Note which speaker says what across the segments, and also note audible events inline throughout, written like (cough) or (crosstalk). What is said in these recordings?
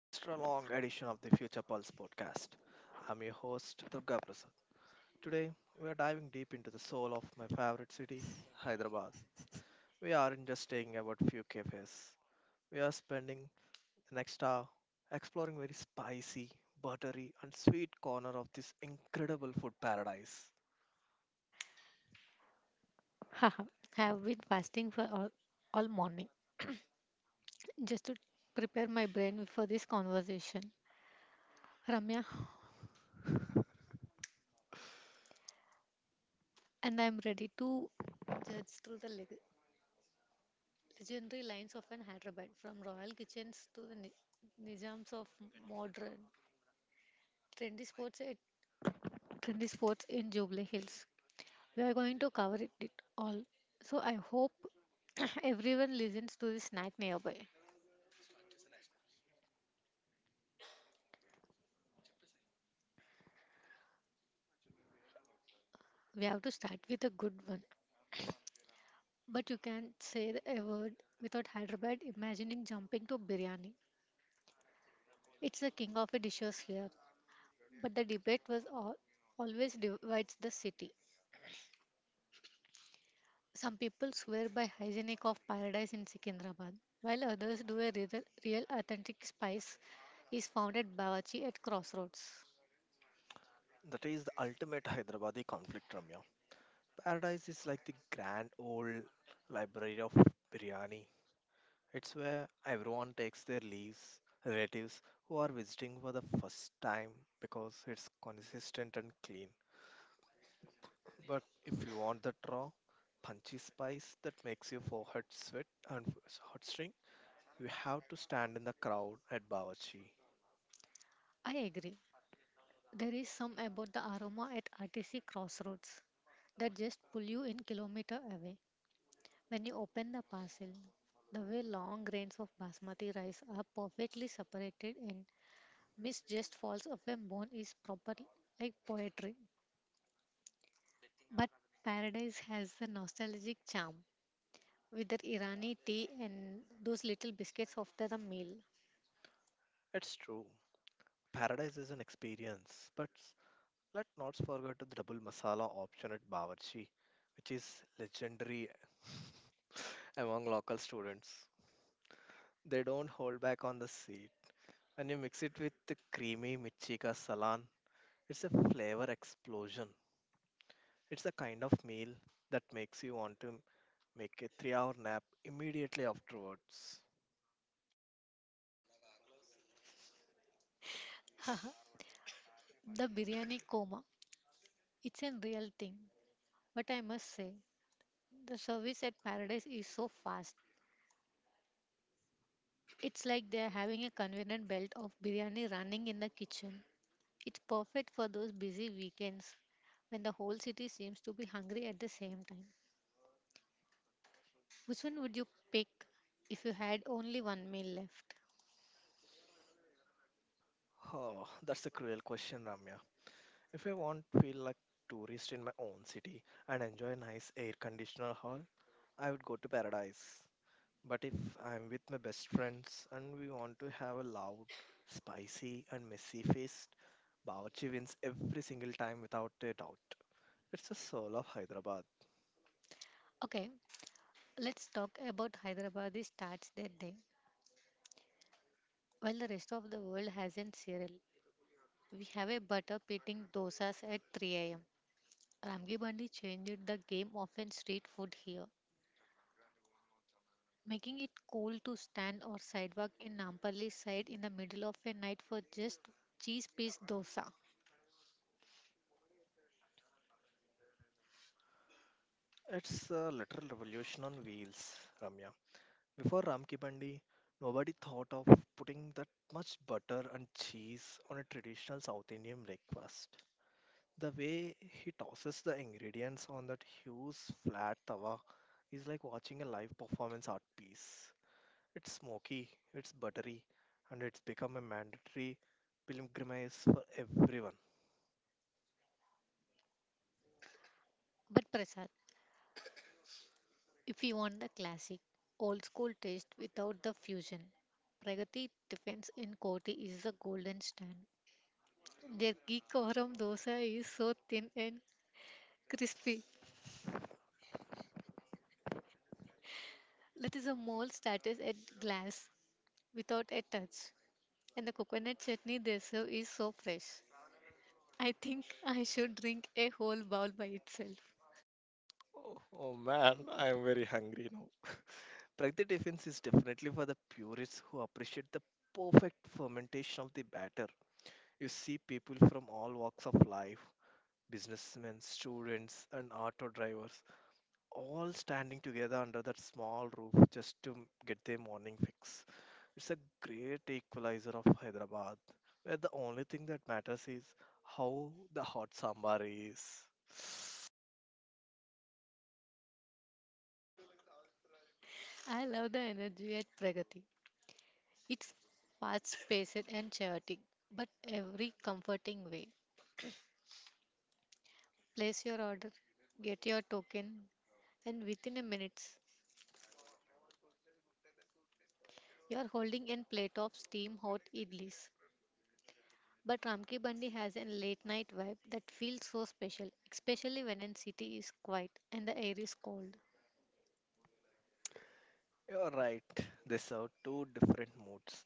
Speaker 1: extra long edition of the
Speaker 2: (laughs)
Speaker 1: Future Pulse podcast. I'm your host, Durga Prasad. Today, we are diving deep into the soul of my favorite city, Hyderabad. We aren't just staying about few cafes. We are spending the next hour exploring very spicy, buttery, and sweet corner of this incredible food paradise.
Speaker 2: Haha, I have been fasting for all morning, just to prepare my brain for this conversation, Ramya, and I am ready to judge through the legendary lines of an Hyderabad, from royal kitchens to the nizams of modern trendy sports at trendy sports in Jubilee Hills. We are going to cover it all. So I hope (clears throat) everyone listens to this snack nearby. We have to start with a good one. But you can't say a word without Hyderabad imagining jumping to biryani. It's the king of the dishes here. But the debate was always divides the city. Some people swear by hygienic of paradise in Secunderabad, while others do a real authentic spice is found at Bawachi at crossroads.
Speaker 1: That is the ultimate Hyderabadi conflict, Ramya. Paradise is like the grand old library of biryani. It's where everyone takes their leaves, relatives who are visiting for the first time because it's consistent and clean. But if you want that raw, punchy spice that makes your forehead sweat and hot string, you have to stand in the crowd at Bawarchi.
Speaker 2: I agree. There is some about the aroma at RTC crossroads that just pull you in kilometer away. When you open the parcel, the way long grains of basmati rice are perfectly separated, and mist just falls off a bone is properly like poetry. But paradise has a nostalgic charm with that Irani tea and those little biscuits after the meal.
Speaker 1: It's true. Paradise is an experience, but let's not forget the double masala option at Bawarchi, which is legendary (laughs) among local students. They don't hold back on the sweet and you mix it with the creamy Michika Salan. It's a flavor explosion. It's a kind of meal that makes you want to make a 3 hour nap immediately afterwards.
Speaker 2: (laughs) Haha, the biryani coma. It's a real thing. But I must say, the service at paradise is so fast. It's like they're having a convenient belt of biryani running in the kitchen. It's perfect for those busy weekends when the whole city seems to be hungry at the same time. Which one would you pick if you had only one meal left?
Speaker 1: Oh, that's a cruel question, Ramya. If I want to feel like tourist in my own city and enjoy a nice air conditioner hall, I would go to paradise. But if I'm with my best friends and we want to have a loud, spicy and messy feast, Bawarchi wins every single time without a doubt. It's the soul of Hyderabad.
Speaker 2: Okay, let's talk about Hyderabadis starts their day. While the rest of the world hasn't cereal, we have a butter pitting dosas at 3 a.m. Ramgi Bandi changed the game of in street food here, making it cool to stand or sidewalk in Nampally side in the middle of a night for just cheese piece dosa.
Speaker 1: It's a literal revolution on wheels, Ramya. Before Ramki Bandi, nobody thought of putting that much butter and cheese on a traditional South Indian breakfast. The way he tosses the ingredients on that huge flat tawa is like watching a live performance art piece. It's smoky, it's buttery, and it's become a mandatory pilgrimage for everyone.
Speaker 2: But Prasad, if you want the classic, old school taste without the fusion, Pragati Tiffins in Koti is the golden stand. Their ghee koram dosa is so thin and crispy that is a mole starters at glass without a touch. And the coconut chutney they serve is so fresh. I think I should drink a whole bowl by itself.
Speaker 1: Oh man, I am very hungry now. (laughs) Pragdi Defence is definitely for the purists who appreciate the perfect fermentation of the batter. You see people from all walks of life businessmen, students, and auto drivers all standing together under that small roof just to get their morning fix. It's a great equalizer of Hyderabad, where the only thing that matters is how the hot sambar is.
Speaker 2: I love the energy at Pragati. It's fast paced and chaotic, but every comforting way. Place your order, get your token, and within a minute, you are holding a plate of steam hot idlis. But Ramki Bandi has a late night vibe that feels so special, especially when a city is quiet and the air is cold.
Speaker 1: You're right. These are two different moods.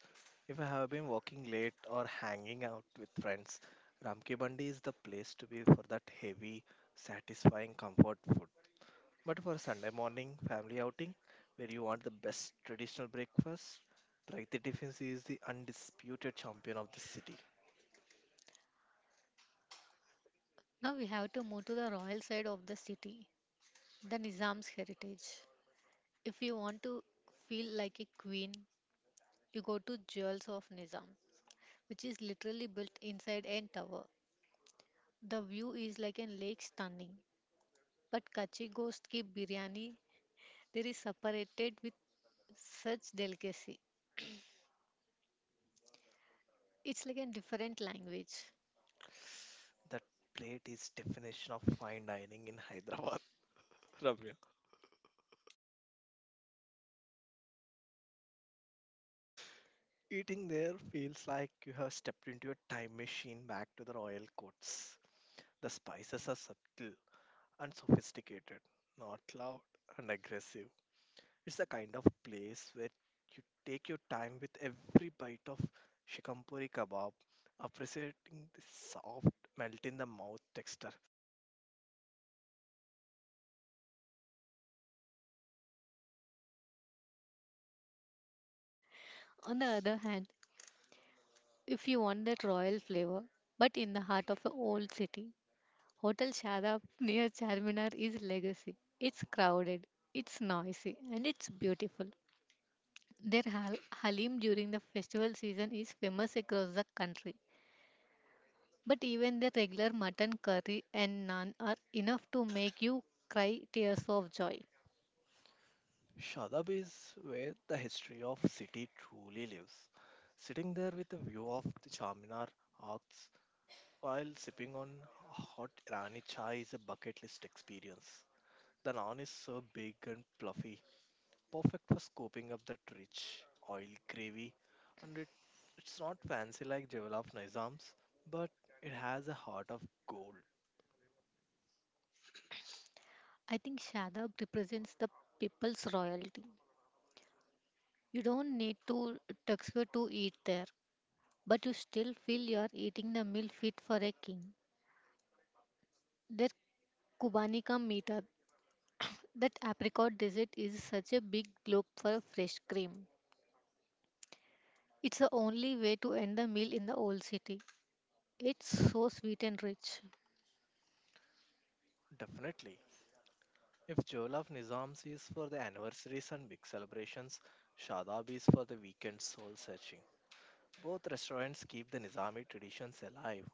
Speaker 1: If I have been working late or hanging out with friends, Ramki Bandi is the place to be for that heavy, satisfying comfort food. But for a Sunday morning family outing, where you want the best traditional breakfast, Praiti Tiffins is the undisputed champion of the city.
Speaker 2: Now we have to move to the royal side of the city, the Nizam's heritage. If you want to feel like a queen, you go to Jewels of Nizam, which is literally built inside a tower. The view is like a lake stunning. But Kachi Ghost Ki Biryani, there is separated with such delicacy. It's like a different language.
Speaker 1: That plate is definition of fine dining in Hyderabad, (laughs) Ramya. Eating there feels like you have stepped into a time machine back to the royal courts. The spices are subtle and sophisticated, not loud and aggressive. It's the kind of place where you take your time with every bite of shikampuri kebab, appreciating the soft, melt in the mouth texture.
Speaker 2: On the other hand, if you want that royal flavor, but in the heart of an old city, Hotel Shadab near Charminar is legacy. It's crowded, it's noisy, and it's beautiful. Their halim during the festival season is famous across the country. But even the regular mutton curry and naan are enough to make you cry tears of joy.
Speaker 1: Shadab is where the history of city truly lives. Sitting there with a view of the Charminar, Arcs, while sipping on hot Irani chai is a bucket list experience. The naan is so big and fluffy, perfect for scooping up that rich, oil gravy. And it's not fancy like Jawalaf Nizam's, but it has a heart of gold.
Speaker 2: I think Shadab represents the people's royalty. You don't need to tuxedo to eat there, but you still feel you're eating the meal fit for a king. Their Kubani ka meetup, that apricot dessert, is such a big globe for fresh cream. It's the only way to end the meal in the old city. It's so sweet and rich.
Speaker 1: Definitely. If Jawalaf Nizam's is for the anniversaries and big celebrations, Shadab is for the weekend soul searching. Both restaurants keep the Nizami traditions alive,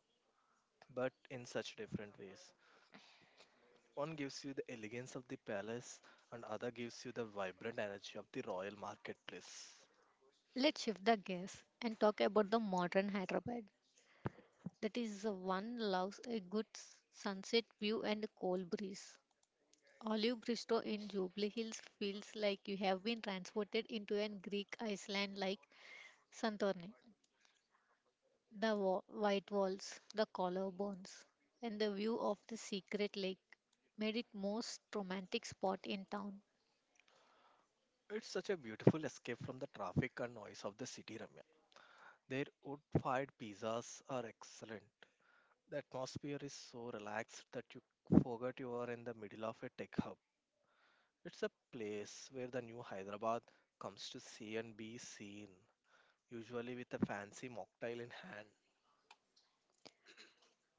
Speaker 1: but in such different ways. One gives you the elegance of the palace, and other gives you the vibrant energy of the royal marketplace.
Speaker 2: Let's shift the gears and talk about the modern Hyderabad. That is the one loves a good sunset view and a cold breeze. Olive Bristow in Jubilee Hills feels like you have been transported into an Greek Iceland like Santorini. The white walls, the collarbones, and the view of the secret lake made it most romantic spot in town.
Speaker 1: It's such a beautiful escape from the traffic and noise of the city, Ramya. Their wood-fired pizzas are excellent. The atmosphere is so relaxed that you forget you are in the middle of a tech hub. It's a place where the new Hyderabad comes to see and be seen, usually with a fancy mocktail in hand.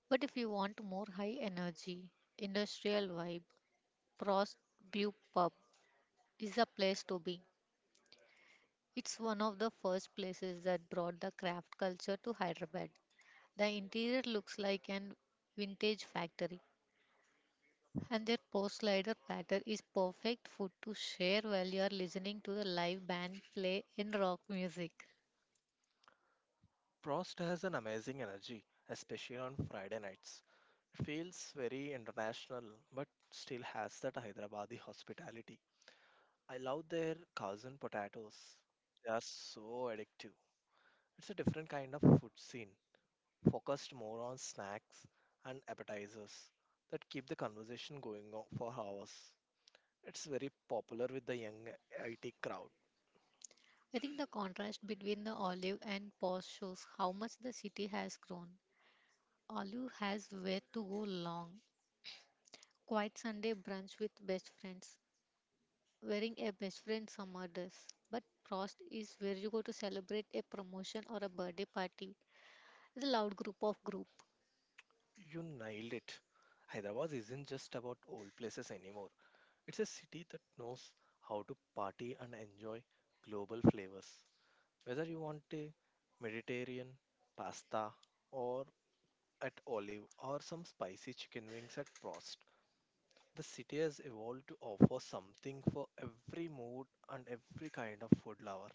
Speaker 2: But if you want more high energy, industrial vibe, Prost Brew Pub is a place to be. It's one of the first places that brought the craft culture to Hyderabad. The interior looks like an vintage factory. And their post slider pattern is perfect food to share while you are listening to the live band play in rock music.
Speaker 1: Prost has an amazing energy, especially on Friday nights. It feels very international, but still has that Hyderabadi hospitality. I love their cousin potatoes. They are so addictive. It's a different kind of food scene, focused more on snacks and appetizers that keep the conversation going on for hours. It's very popular with the young IT crowd.
Speaker 2: I think the contrast between the olive and post shows how much the city has grown. Olive has where to go long. Quiet Sunday brunch with best friends, wearing a best friend summer dress. But Prost is where you go to celebrate a promotion or a birthday party. The loud group of group.
Speaker 1: You nailed it. Hyderabad isn't just about old places anymore. It's a city that knows how to party and enjoy global flavors. Whether you want a Mediterranean pasta or at olive or some spicy chicken wings at Prost, the city has evolved to offer something for every mood and every kind of food lover.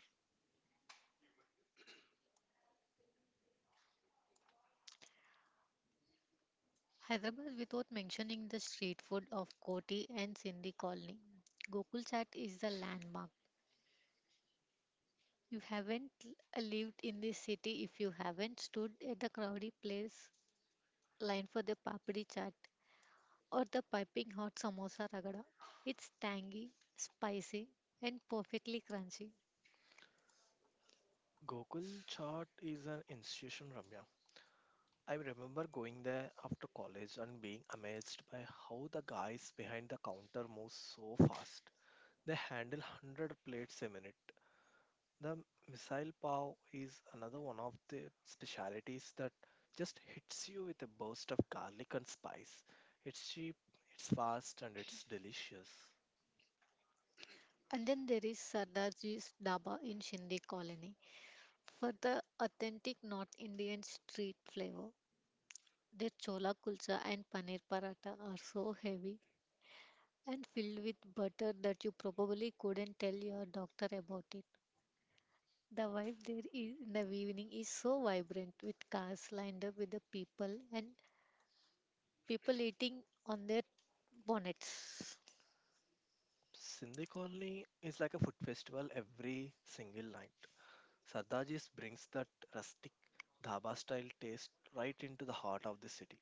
Speaker 2: Hyderabad without mentioning the street food of Koti and Sindhi Colony. Gokul Chat is the landmark. You haven't lived in this city if you haven't stood at the crowded place line for the papdi chaat or the piping hot samosa ragada. It's tangy, spicy, and perfectly crunchy.
Speaker 1: Gokul Chaat is an institution, Ramya. I remember going there after college and being amazed by how the guys behind the counter move so fast. They handle 100 plates a minute. The missile pav is another one of the specialities that just hits you with a burst of garlic and spice. It's cheap, it's fast, and it's delicious.
Speaker 2: And then there is Sardarji's Daba in Sindhi Colony for the authentic North Indian street flavor. Their chola kulcha and paneer paratha are so heavy and filled with butter that you probably couldn't tell your doctor about it. The vibe there is in the evening is so vibrant with cars lined up with the people and people eating on their bonnets.
Speaker 1: Sindhi Colony is like a food festival every single night. Sardaji's brings that rustic dhaba style taste right into the heart of the city.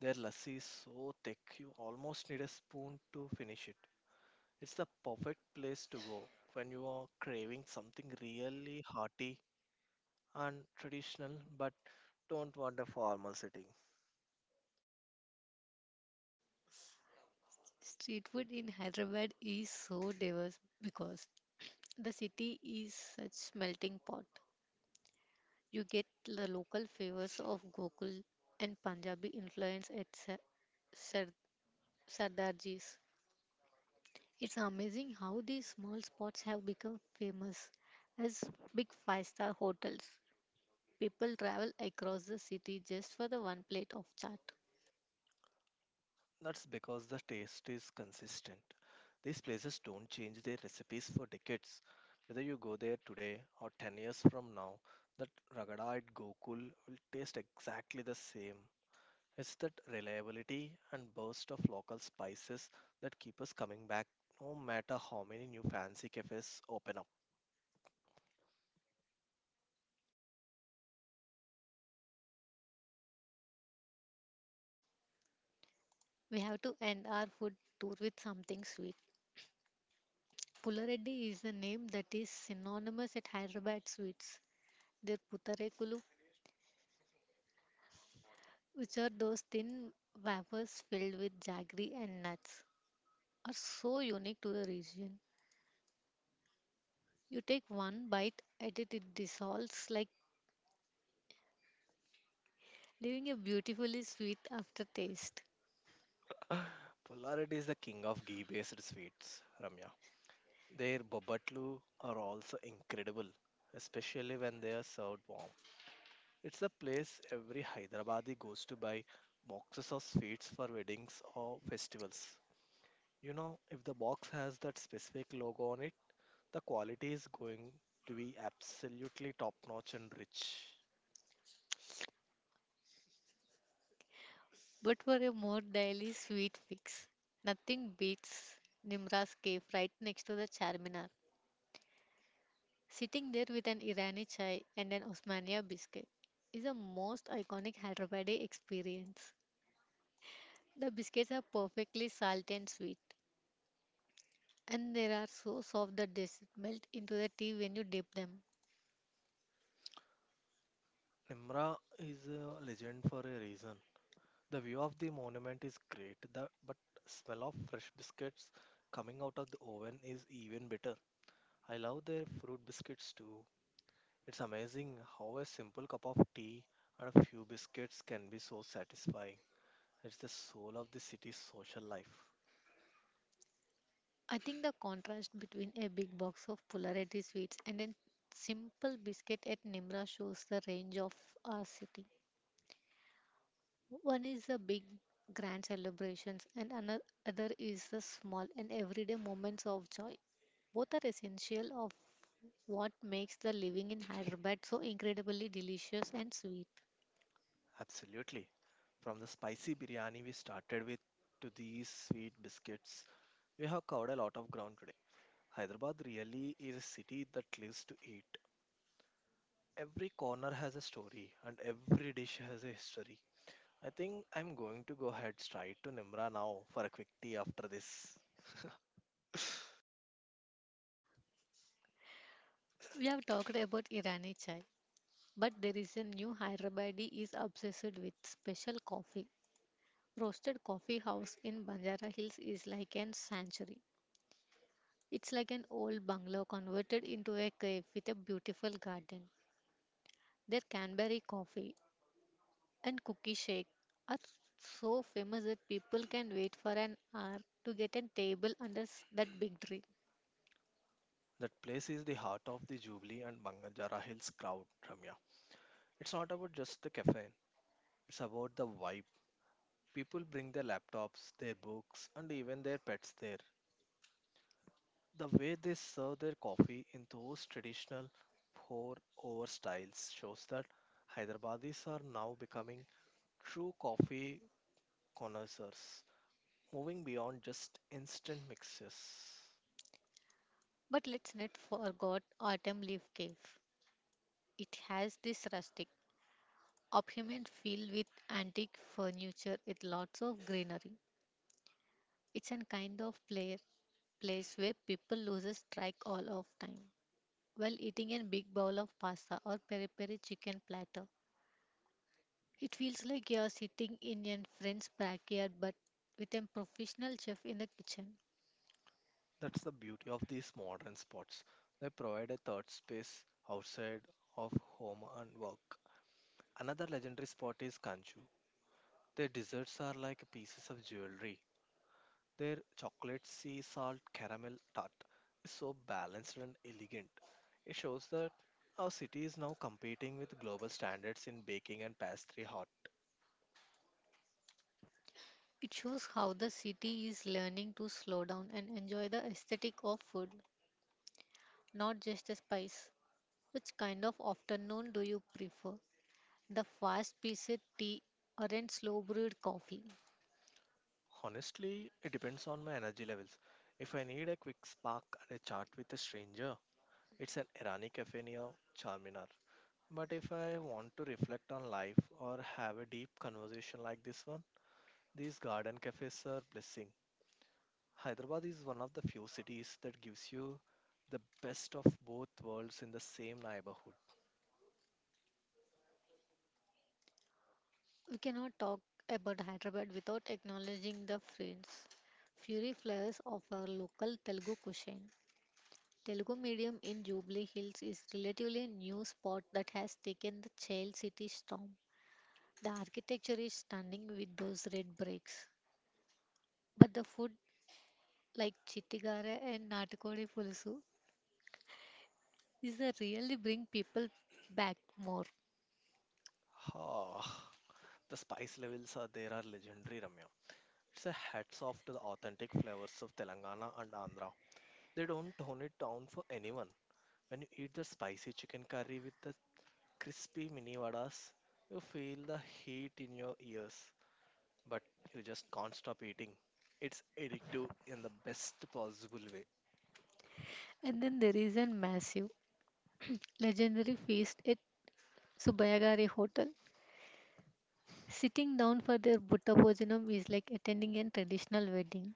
Speaker 1: Their lassi is so thick you almost need a spoon to finish it. It's the perfect place to go when you are craving something really hearty and traditional but don't want a formal setting.
Speaker 2: Street food in Hyderabad is so diverse because the city is such melting pot. You get the local flavors of Gokul and Punjabi influence at Sar- Sardarji's. It's amazing how these small spots have become famous as big five-star hotels. People travel across the city just for the one plate of chaat.
Speaker 1: That's because the taste is consistent. These places don't change their recipes for decades. Whether you go there today or 10 years from now, that ragada at Gokul will taste exactly the same. It's that reliability and burst of local spices that keep us coming back no matter how many new fancy cafes open
Speaker 2: We have to end our food tour with something sweet. Pulareddy is a name that is synonymous at Hyderabad sweets. Their putarekulu, which are those thin wafers filled with jaggery and nuts, are so unique to the region. You take one bite at it, it dissolves like leaving a beautifully sweet aftertaste.
Speaker 1: up. (laughs) Polarity is the king of ghee based sweets, Ramya. Their babatlu are also incredible, especially when they are served warm. It's a place every Hyderabadi goes to buy boxes of sweets for weddings or festivals. You know, if the box has that specific logo on it, the quality is going to be absolutely top notch and rich.
Speaker 2: But for a more daily sweet fix, nothing beats Nimra's cave right next to the Charminar. Sitting there with an Irani chai and an Osmania biscuit is a most iconic Hyderabadi experience. The biscuits are perfectly salty and sweet, and they are so soft that they melt into the tea when you dip them.
Speaker 1: Nimra is a legend for a reason. The view of the monument is great, but smell of fresh biscuits coming out of the oven is even better. I love their fruit biscuits too. It's amazing how a simple cup of tea and a few biscuits can be so satisfying. It's the soul of the city's social life.
Speaker 2: I think the contrast between a big box of polarity sweets and a simple biscuit at Nimra shows the range of our city. One is the big grand celebrations and another other is the small and everyday moments of joy. Both are essential of what makes the living in Hyderabad so incredibly delicious and sweet.
Speaker 1: Absolutely. From the spicy biryani we started with to these sweet biscuits, we have covered a lot of ground today. Hyderabad really is a city that lives to eat. Every corner has a story and every dish has a history. I think I'm going to go ahead straight to Nimra now for a quick tea after this. (laughs)
Speaker 2: We have talked about Irani chai, but there is a new Hyderabadi is obsessed with special coffee. Roasted coffee house in Banjara Hills is like an sanctuary. It's like an old bungalow converted into a cave with a beautiful garden. Their Canberry coffee and cookie shake are so famous that people can wait for an hour to get a table under that big tree.
Speaker 1: That place is the heart of the Jubilee and Banganjara Hills crowd, Ramya. It's not about just the caffeine, it's about the vibe. People bring their laptops, their books, and even their pets there. The way they serve their coffee in those traditional pour over styles shows that Hyderabadis are now becoming true coffee connoisseurs, moving beyond just instant mixes.
Speaker 2: But let's not forget Autumn Leaf Cave. It has this rustic, opulent feel with antique furniture with lots of greenery. It's a kind of place where people loses track all of time while eating a big bowl of pasta or peri peri chicken platter. It feels like you are sitting in a friend's backyard but with a professional chef in the kitchen.
Speaker 1: That's the beauty of these modern spots. They provide a third space outside of home and work. Another legendary spot is Kanchu. Their desserts are like pieces of jewelry. Their chocolate sea salt caramel tart is so balanced and elegant. It shows that our city is now competing with global standards in baking and pastry art.
Speaker 2: It shows how the city is learning to slow down and enjoy the aesthetic of food, not just the spice. Which kind of afternoon do you prefer? The fast paced tea, or a slow brewed coffee?
Speaker 1: Honestly, it depends on my energy levels. If I need a quick spark and a chat with a stranger, it's an Irani cafe near Charminar. But if I want to reflect on life or have a deep conversation like this one, these garden cafes are blessing. Hyderabad is one of the few cities that gives you the best of both worlds in the same neighborhood.
Speaker 2: We cannot talk about Hyderabad without acknowledging the friends. Fury flares of our local Telugu cuisine. Telugu medium in Jubilee Hills is relatively new spot that has taken the child city storm. The architecture is stunning with those red bricks. But the food like chittigara and natikodi pulusu is the really bring people back more.
Speaker 1: Ah, the spice levels are legendary, Ramya. It's a hats off to the authentic flavors of Telangana and Andhra. They don't tone it down for anyone. When you eat the spicy chicken curry with the crispy mini vadas, you feel the heat in your ears, but you just can't stop eating. It's addictive in the best possible way.
Speaker 2: And then there is a massive legendary feast at Subayagari Hotel. Sitting down for their Buddha Bhojanam is like attending a traditional wedding.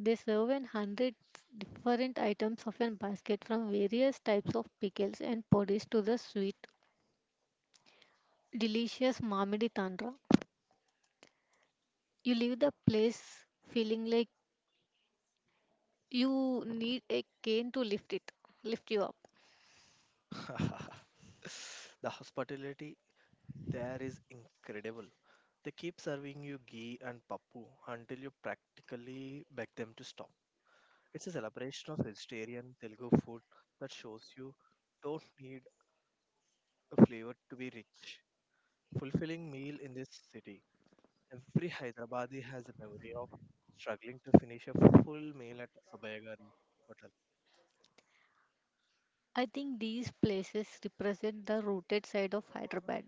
Speaker 2: They serve an 100 different items of a basket from various types of pickles and poddies to the sweet, delicious Mamidi Tandra. You leave the place feeling like you need a cane to lift you up.
Speaker 1: (laughs) The hospitality there is incredible. They keep serving you ghee and pappu until you practically beg them to stop. It's a celebration of vegetarian Telugu food that shows you don't need a flavor to be rich. Fulfilling meal in this city. Every Hyderabadi has a memory of struggling to finish a full meal at Sabayagari, but
Speaker 2: I think these places represent the rooted side of Hyderabad.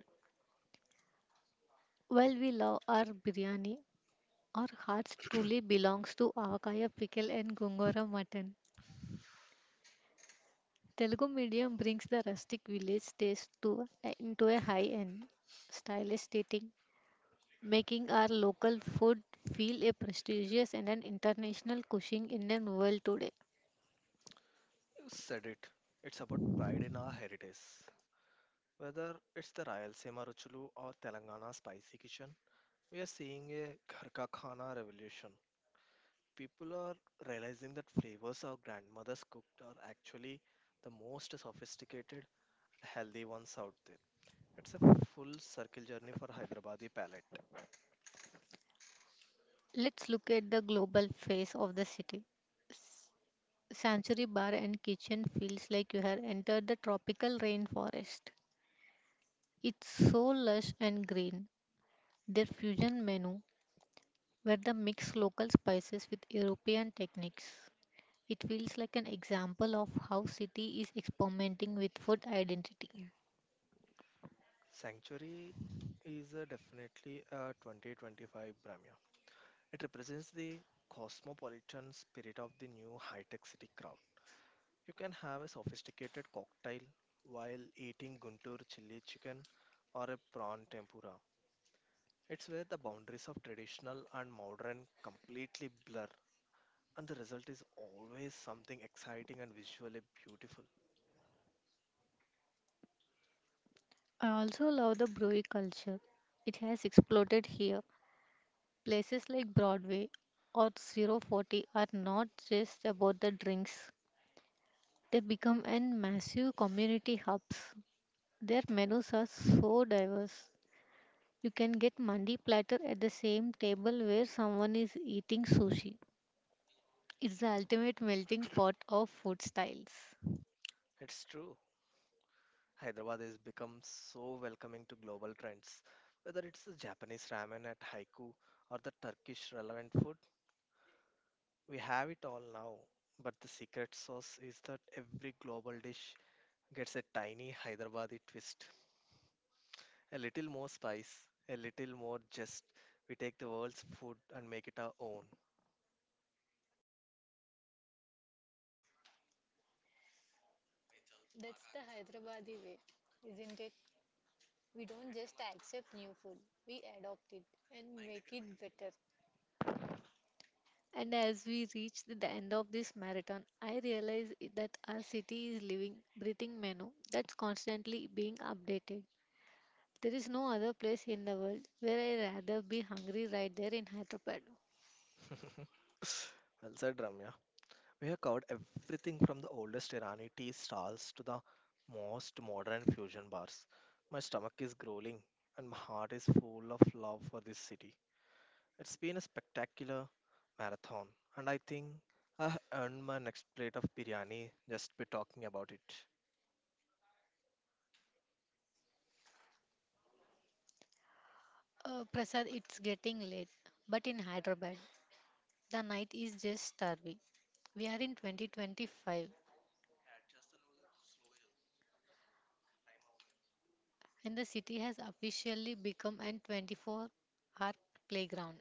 Speaker 2: While we love our biryani, our hearts truly belongs to avakaya pickle and gongora mutton. Telugu medium brings the rustic village taste to into a high-end stylish setting, making our local food feel a prestigious and an international cuisine in the world today.
Speaker 1: you said it. It's about pride in our heritage. Whether it's the Rayalaseema Ruchalu or Telangana spicy kitchen, we are seeing a ghar ka khana revolution. People are realizing that flavors our grandmothers cooked are actually the most sophisticated and healthy ones out there. It's a full circle journey for Hyderabadi palate.
Speaker 2: Let's look at the global face of the city. Sanctuary Bar and Kitchen feels like you have entered the tropical rainforest. It's so lush and green. Their fusion menu, where they mix local spices with European techniques, it feels like an example of how city is experimenting with food identity.
Speaker 1: Sanctuary is a definitely a 2025 Bramya. It represents the cosmopolitan spirit of the new high-tech city crowd. You can have a sophisticated cocktail while eating Guntur chili chicken or a prawn tempura. It's where the boundaries of traditional and modern completely blur, and the result is always something exciting and visually beautiful.
Speaker 2: I also love the brewery culture. It has exploded here. Places like Broadway or zero 040 are not just about the drinks. They become an massive community hubs. Their menus are so diverse. You can get mandi platter at the same table where someone is eating sushi. It's the ultimate melting pot of food styles.
Speaker 1: It's true. Hyderabad has become so welcoming to global trends. Whether it's the Japanese ramen at Haiku or the Turkish relevant food, we have it all now. But the secret sauce is that every global dish gets a tiny Hyderabadi twist. A little more spice, a little more just. We take the world's food and make it our own.
Speaker 2: That's the Hyderabadi way, isn't it? We don't just accept new food, we adopt it and make it better. And as we reach the end of this marathon, I realize that our city is living, breathing menu that's constantly being updated. There is no other place in the world where I rather be hungry right there in Hyderabad.
Speaker 1: (laughs) Well said, Ramya. We have covered everything from the oldest Irani tea stalls to the most modern fusion bars. My stomach is growling and my heart is full of love for this city. It's been a spectacular marathon, and I think I have earned my next plate of biryani just by talking about it.
Speaker 2: Prasad, it's getting late, but in Hyderabad, the night is just starving. We are in 2025 and the city has officially become an 24-hour playground.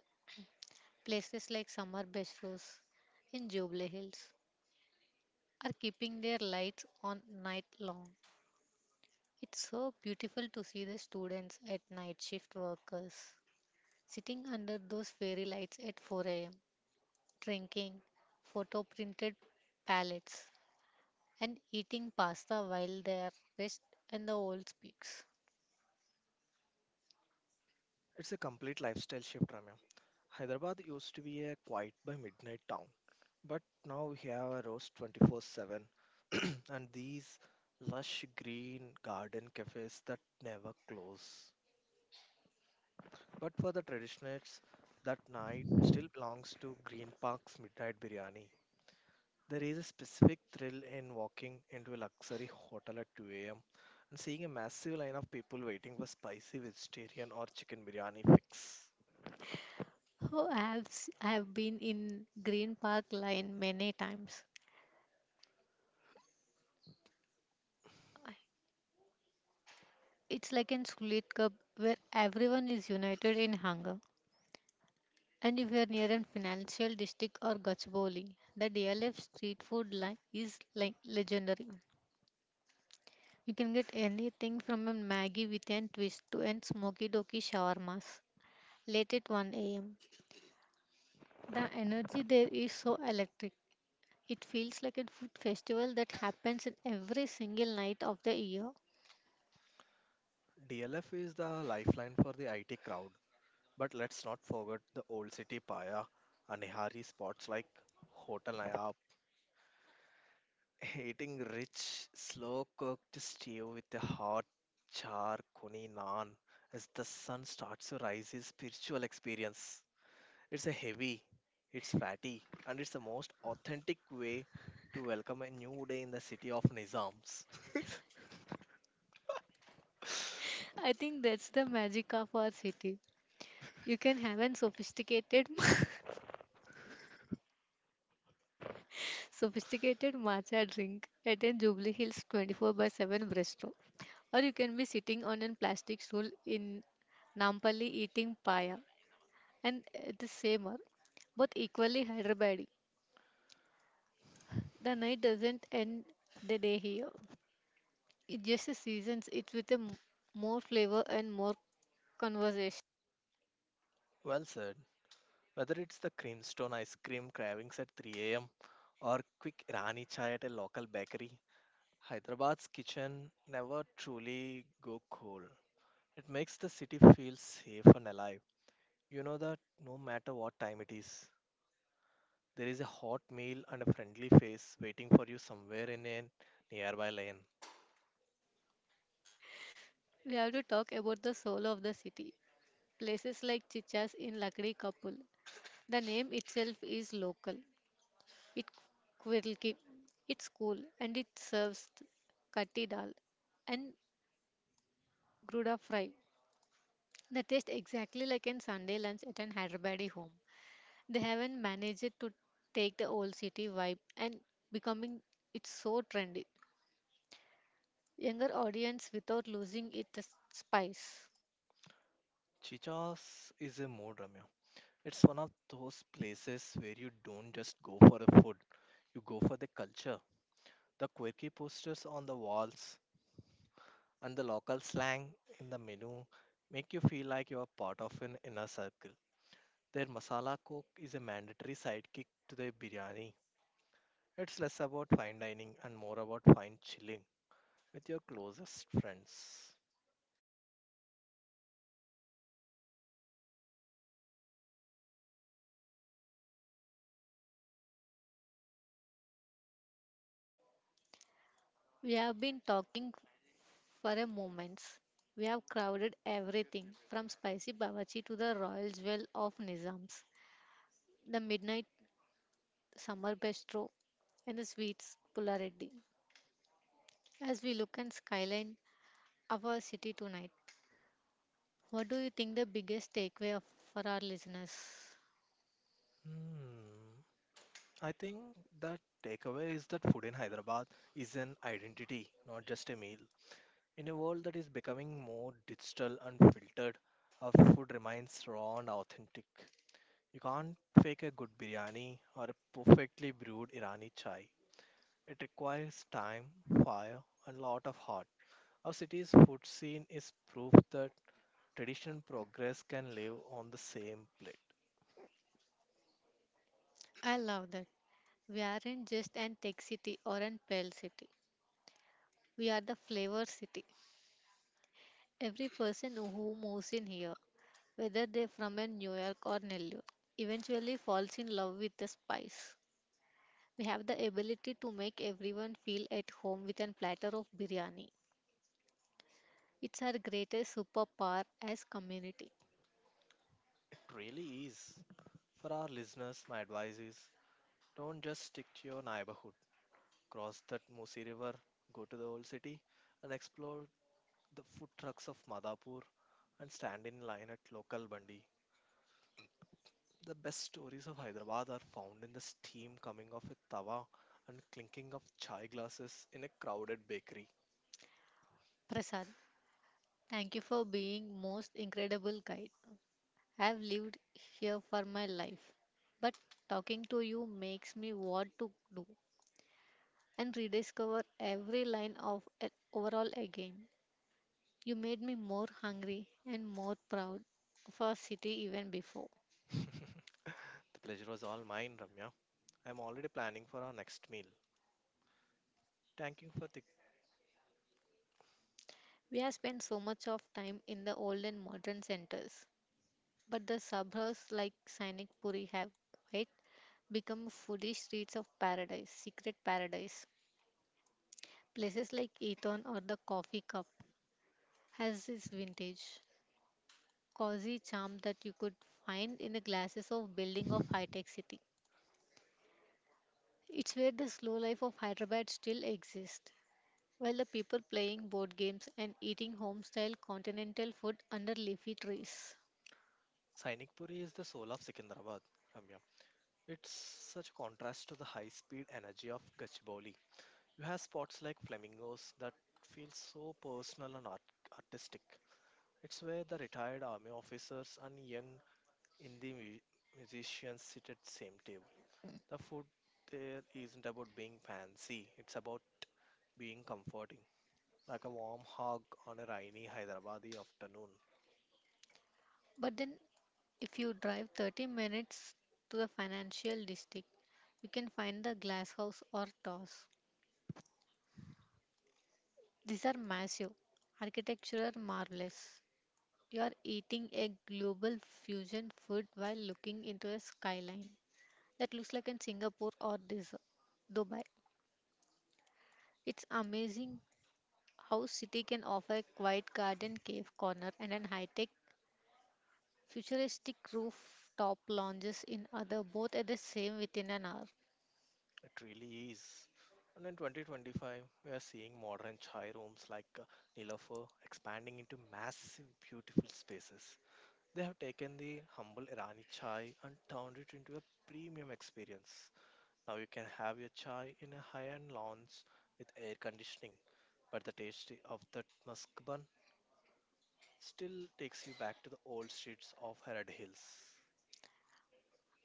Speaker 2: Places like Summer Bistros in Jubilee Hills are keeping their lights on night long. It's so beautiful to see the students at night shift workers sitting under those fairy lights at 4 a.m., drinking photo printed palettes and eating pasta while they are rest in the old peaks.
Speaker 1: It's a complete lifestyle shift, Ramya. Hyderabad used to be a quiet by midnight town, but now we have a roast 24/7 (clears throat) and these lush green garden cafes that never close. But for the traditionalists, that night still belongs to Green Park's midnight biryani. There is a specific thrill in walking into a luxury hotel at 2 a.m. and seeing a massive line of people waiting for spicy vegetarian or chicken biryani fix.
Speaker 2: Oh, I have been in Green Park Line many times. I- It's like in Sulit Cup where everyone is united in hunger. And if you're near a financial district or Gachibowli, the DLF street food line is like legendary. You can get anything from a Maggie with a twist to a smoky doky shawarmas late at 1 a.m. The energy there is so electric. It feels like a food festival that happens in every single night of the year.
Speaker 1: DLF is the lifeline for the IT crowd, but let's not forget the old city paya and nihari spots like Hotel Nayab, (laughs) eating rich, slow cooked stew with a hot char kuni naan as the sun starts to rise is spiritual experience. It's a heavy, it's fatty, and it's the most authentic way to welcome a new day in the city of Nizams. (laughs)
Speaker 2: I think that's the magic of our city. You can have an sophisticated, (laughs) sophisticated matcha drink at a Jubilee Hills 24 by 7 bistro, or you can be sitting on a plastic stool in Nampally eating paya, and at the same hour, both equally Hyderabadi. The night doesn't end the day here. It just seasons it with a more flavor and more conversation.
Speaker 1: Well said. Whether it's the creamstone ice cream cravings at 3 a.m. or quick Irani chai at a local bakery, Hyderabad's kitchen never truly go cold. It makes the city feel safe and alive. You know that no matter what time it is, there is a hot meal and a friendly face waiting for you somewhere in a nearby lane.
Speaker 2: We have to talk about the soul of the city. Places like Chichas in Lakdi Kapul, the name itself is local. It Quirlki. It's cool and it serves katti dal and gruda fry. They taste exactly like in Sunday lunch at an Hyderabadi home. They haven't managed to take the old city vibe and becoming it's so trendy. Younger audience without losing its spice.
Speaker 1: Chicha's is a mood, Ramya. It's one of those places where you don't just go for the food, you go for the culture. The quirky posters on the walls, and the local slang in the menu make you feel like you are part of an inner circle. Their masala cook is a mandatory sidekick to their biryani. It's less about fine dining and more about fine chilling with your closest friends.
Speaker 2: We have been talking for a moment. We have crowded everything from spicy bawarchi to the royal jewel of Nizams, the midnight summer bistro, and the sweets Pulareddy. As we look and skyline our city tonight, what do you think the biggest takeaway of, for our listeners?
Speaker 1: Hmm. I think the takeaway is that food in Hyderabad is an identity, not just a meal. In a world that is becoming more digital and filtered, our food remains raw and authentic. You can't fake a good biryani or a perfectly brewed Irani chai. It requires time, fire, and a lot of heart. Our city's food scene is proof that tradition progress can live on the same plate.
Speaker 2: I love that. We aren't just an tech city or an pale city. We are the flavor city. Every person who moves in here, whether they're from a New York or Nellore, eventually falls in love with the spice. We have the ability to make everyone feel at home with a platter of biryani. It's our greatest superpower as community.
Speaker 1: It really is. For our listeners, my advice is don't just stick to your neighborhood. Cross that Musi River, go to the old city, and explore the food trucks of Madhapur and stand in line at local bandi. The best stories of Hyderabad are found in the steam coming off a tawa and clinking of chai glasses in a crowded bakery.
Speaker 2: Prasad, thank you for being most incredible guide. I've lived here for my life, but talking to you makes me want to do and rediscover every line of it overall again. You made me more hungry and more proud of our city even before.
Speaker 1: (laughs) The pleasure was all mine, Ramya. I'm already planning for our next meal. Thank you for the
Speaker 2: We have spent so much of time in the old and modern centers, but the suburbs like Sainik Puri have quite become foodie streets of paradise, secret paradise. Places like Eton or the Coffee Cup has its vintage, cozy charm that you could find in the glasses of building of high-tech city. It's where the slow life of Hyderabad still exists, while the people playing board games and eating home-style continental food under leafy trees.
Speaker 1: Sainik Puri is the soul of Secunderabad, Ramya. It's such a contrast to the high-speed energy of Gachibowli. You have spots like flamingos that feel so personal and artistic. It's where the retired army officers and young Indie mu- musicians sit at same table. The food there isn't about being fancy; it's about being comforting, like a warm hug on a rainy Hyderabadi afternoon.
Speaker 2: But then if you drive 30 minutes to the financial district, you can find the glass house or towers. These are massive, architectural marvels. You are eating a global fusion food while looking into a skyline that looks like in Singapore or this Dubai. It's amazing how city can offer a quiet garden cave corner and an high-tech futuristic rooftop lounges in other both at the same within an hour.
Speaker 1: It really is. And in 2025, we are seeing modern chai rooms like Nilofer expanding into massive, beautiful spaces. They have taken the humble Irani chai and turned it into a premium experience. Now you can have your chai in a high-end lounge with air conditioning, but the taste of that musk bun still takes you back to the old streets of Harad Hills.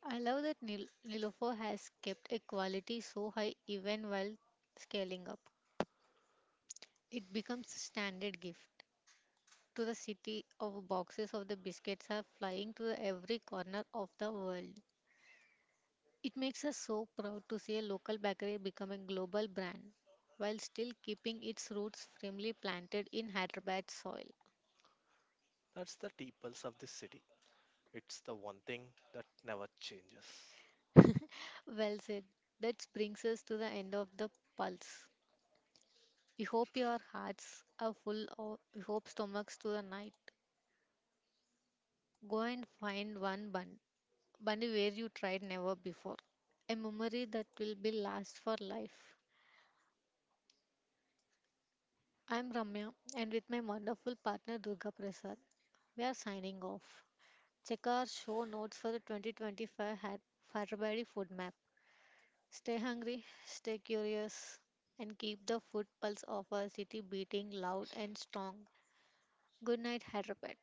Speaker 2: I love that Nilofer has kept a quality so high even while scaling up. It becomes a standard gift to the city of boxes of the biscuits are flying to every corner of the world. It makes us so proud to see a local bakery become a global brand while still keeping its roots firmly planted in Hyderabad soil.
Speaker 1: That's the tea pulse of this city. It's the one thing that never changes.
Speaker 2: Well said. That brings us to the end of the pulse. We hope your hearts are full of we hope stomachs to the night. Go and find one bun, bunny where you tried never before. A memory that will be last for life. I'm Ramya and with my wonderful partner Durga Prasad, we are signing off. Check our show notes for the 2025 hat Hyderabadi food map. Stay hungry, stay curious, and keep the food pulse of our city beating loud and strong. Good night, Hyderabad.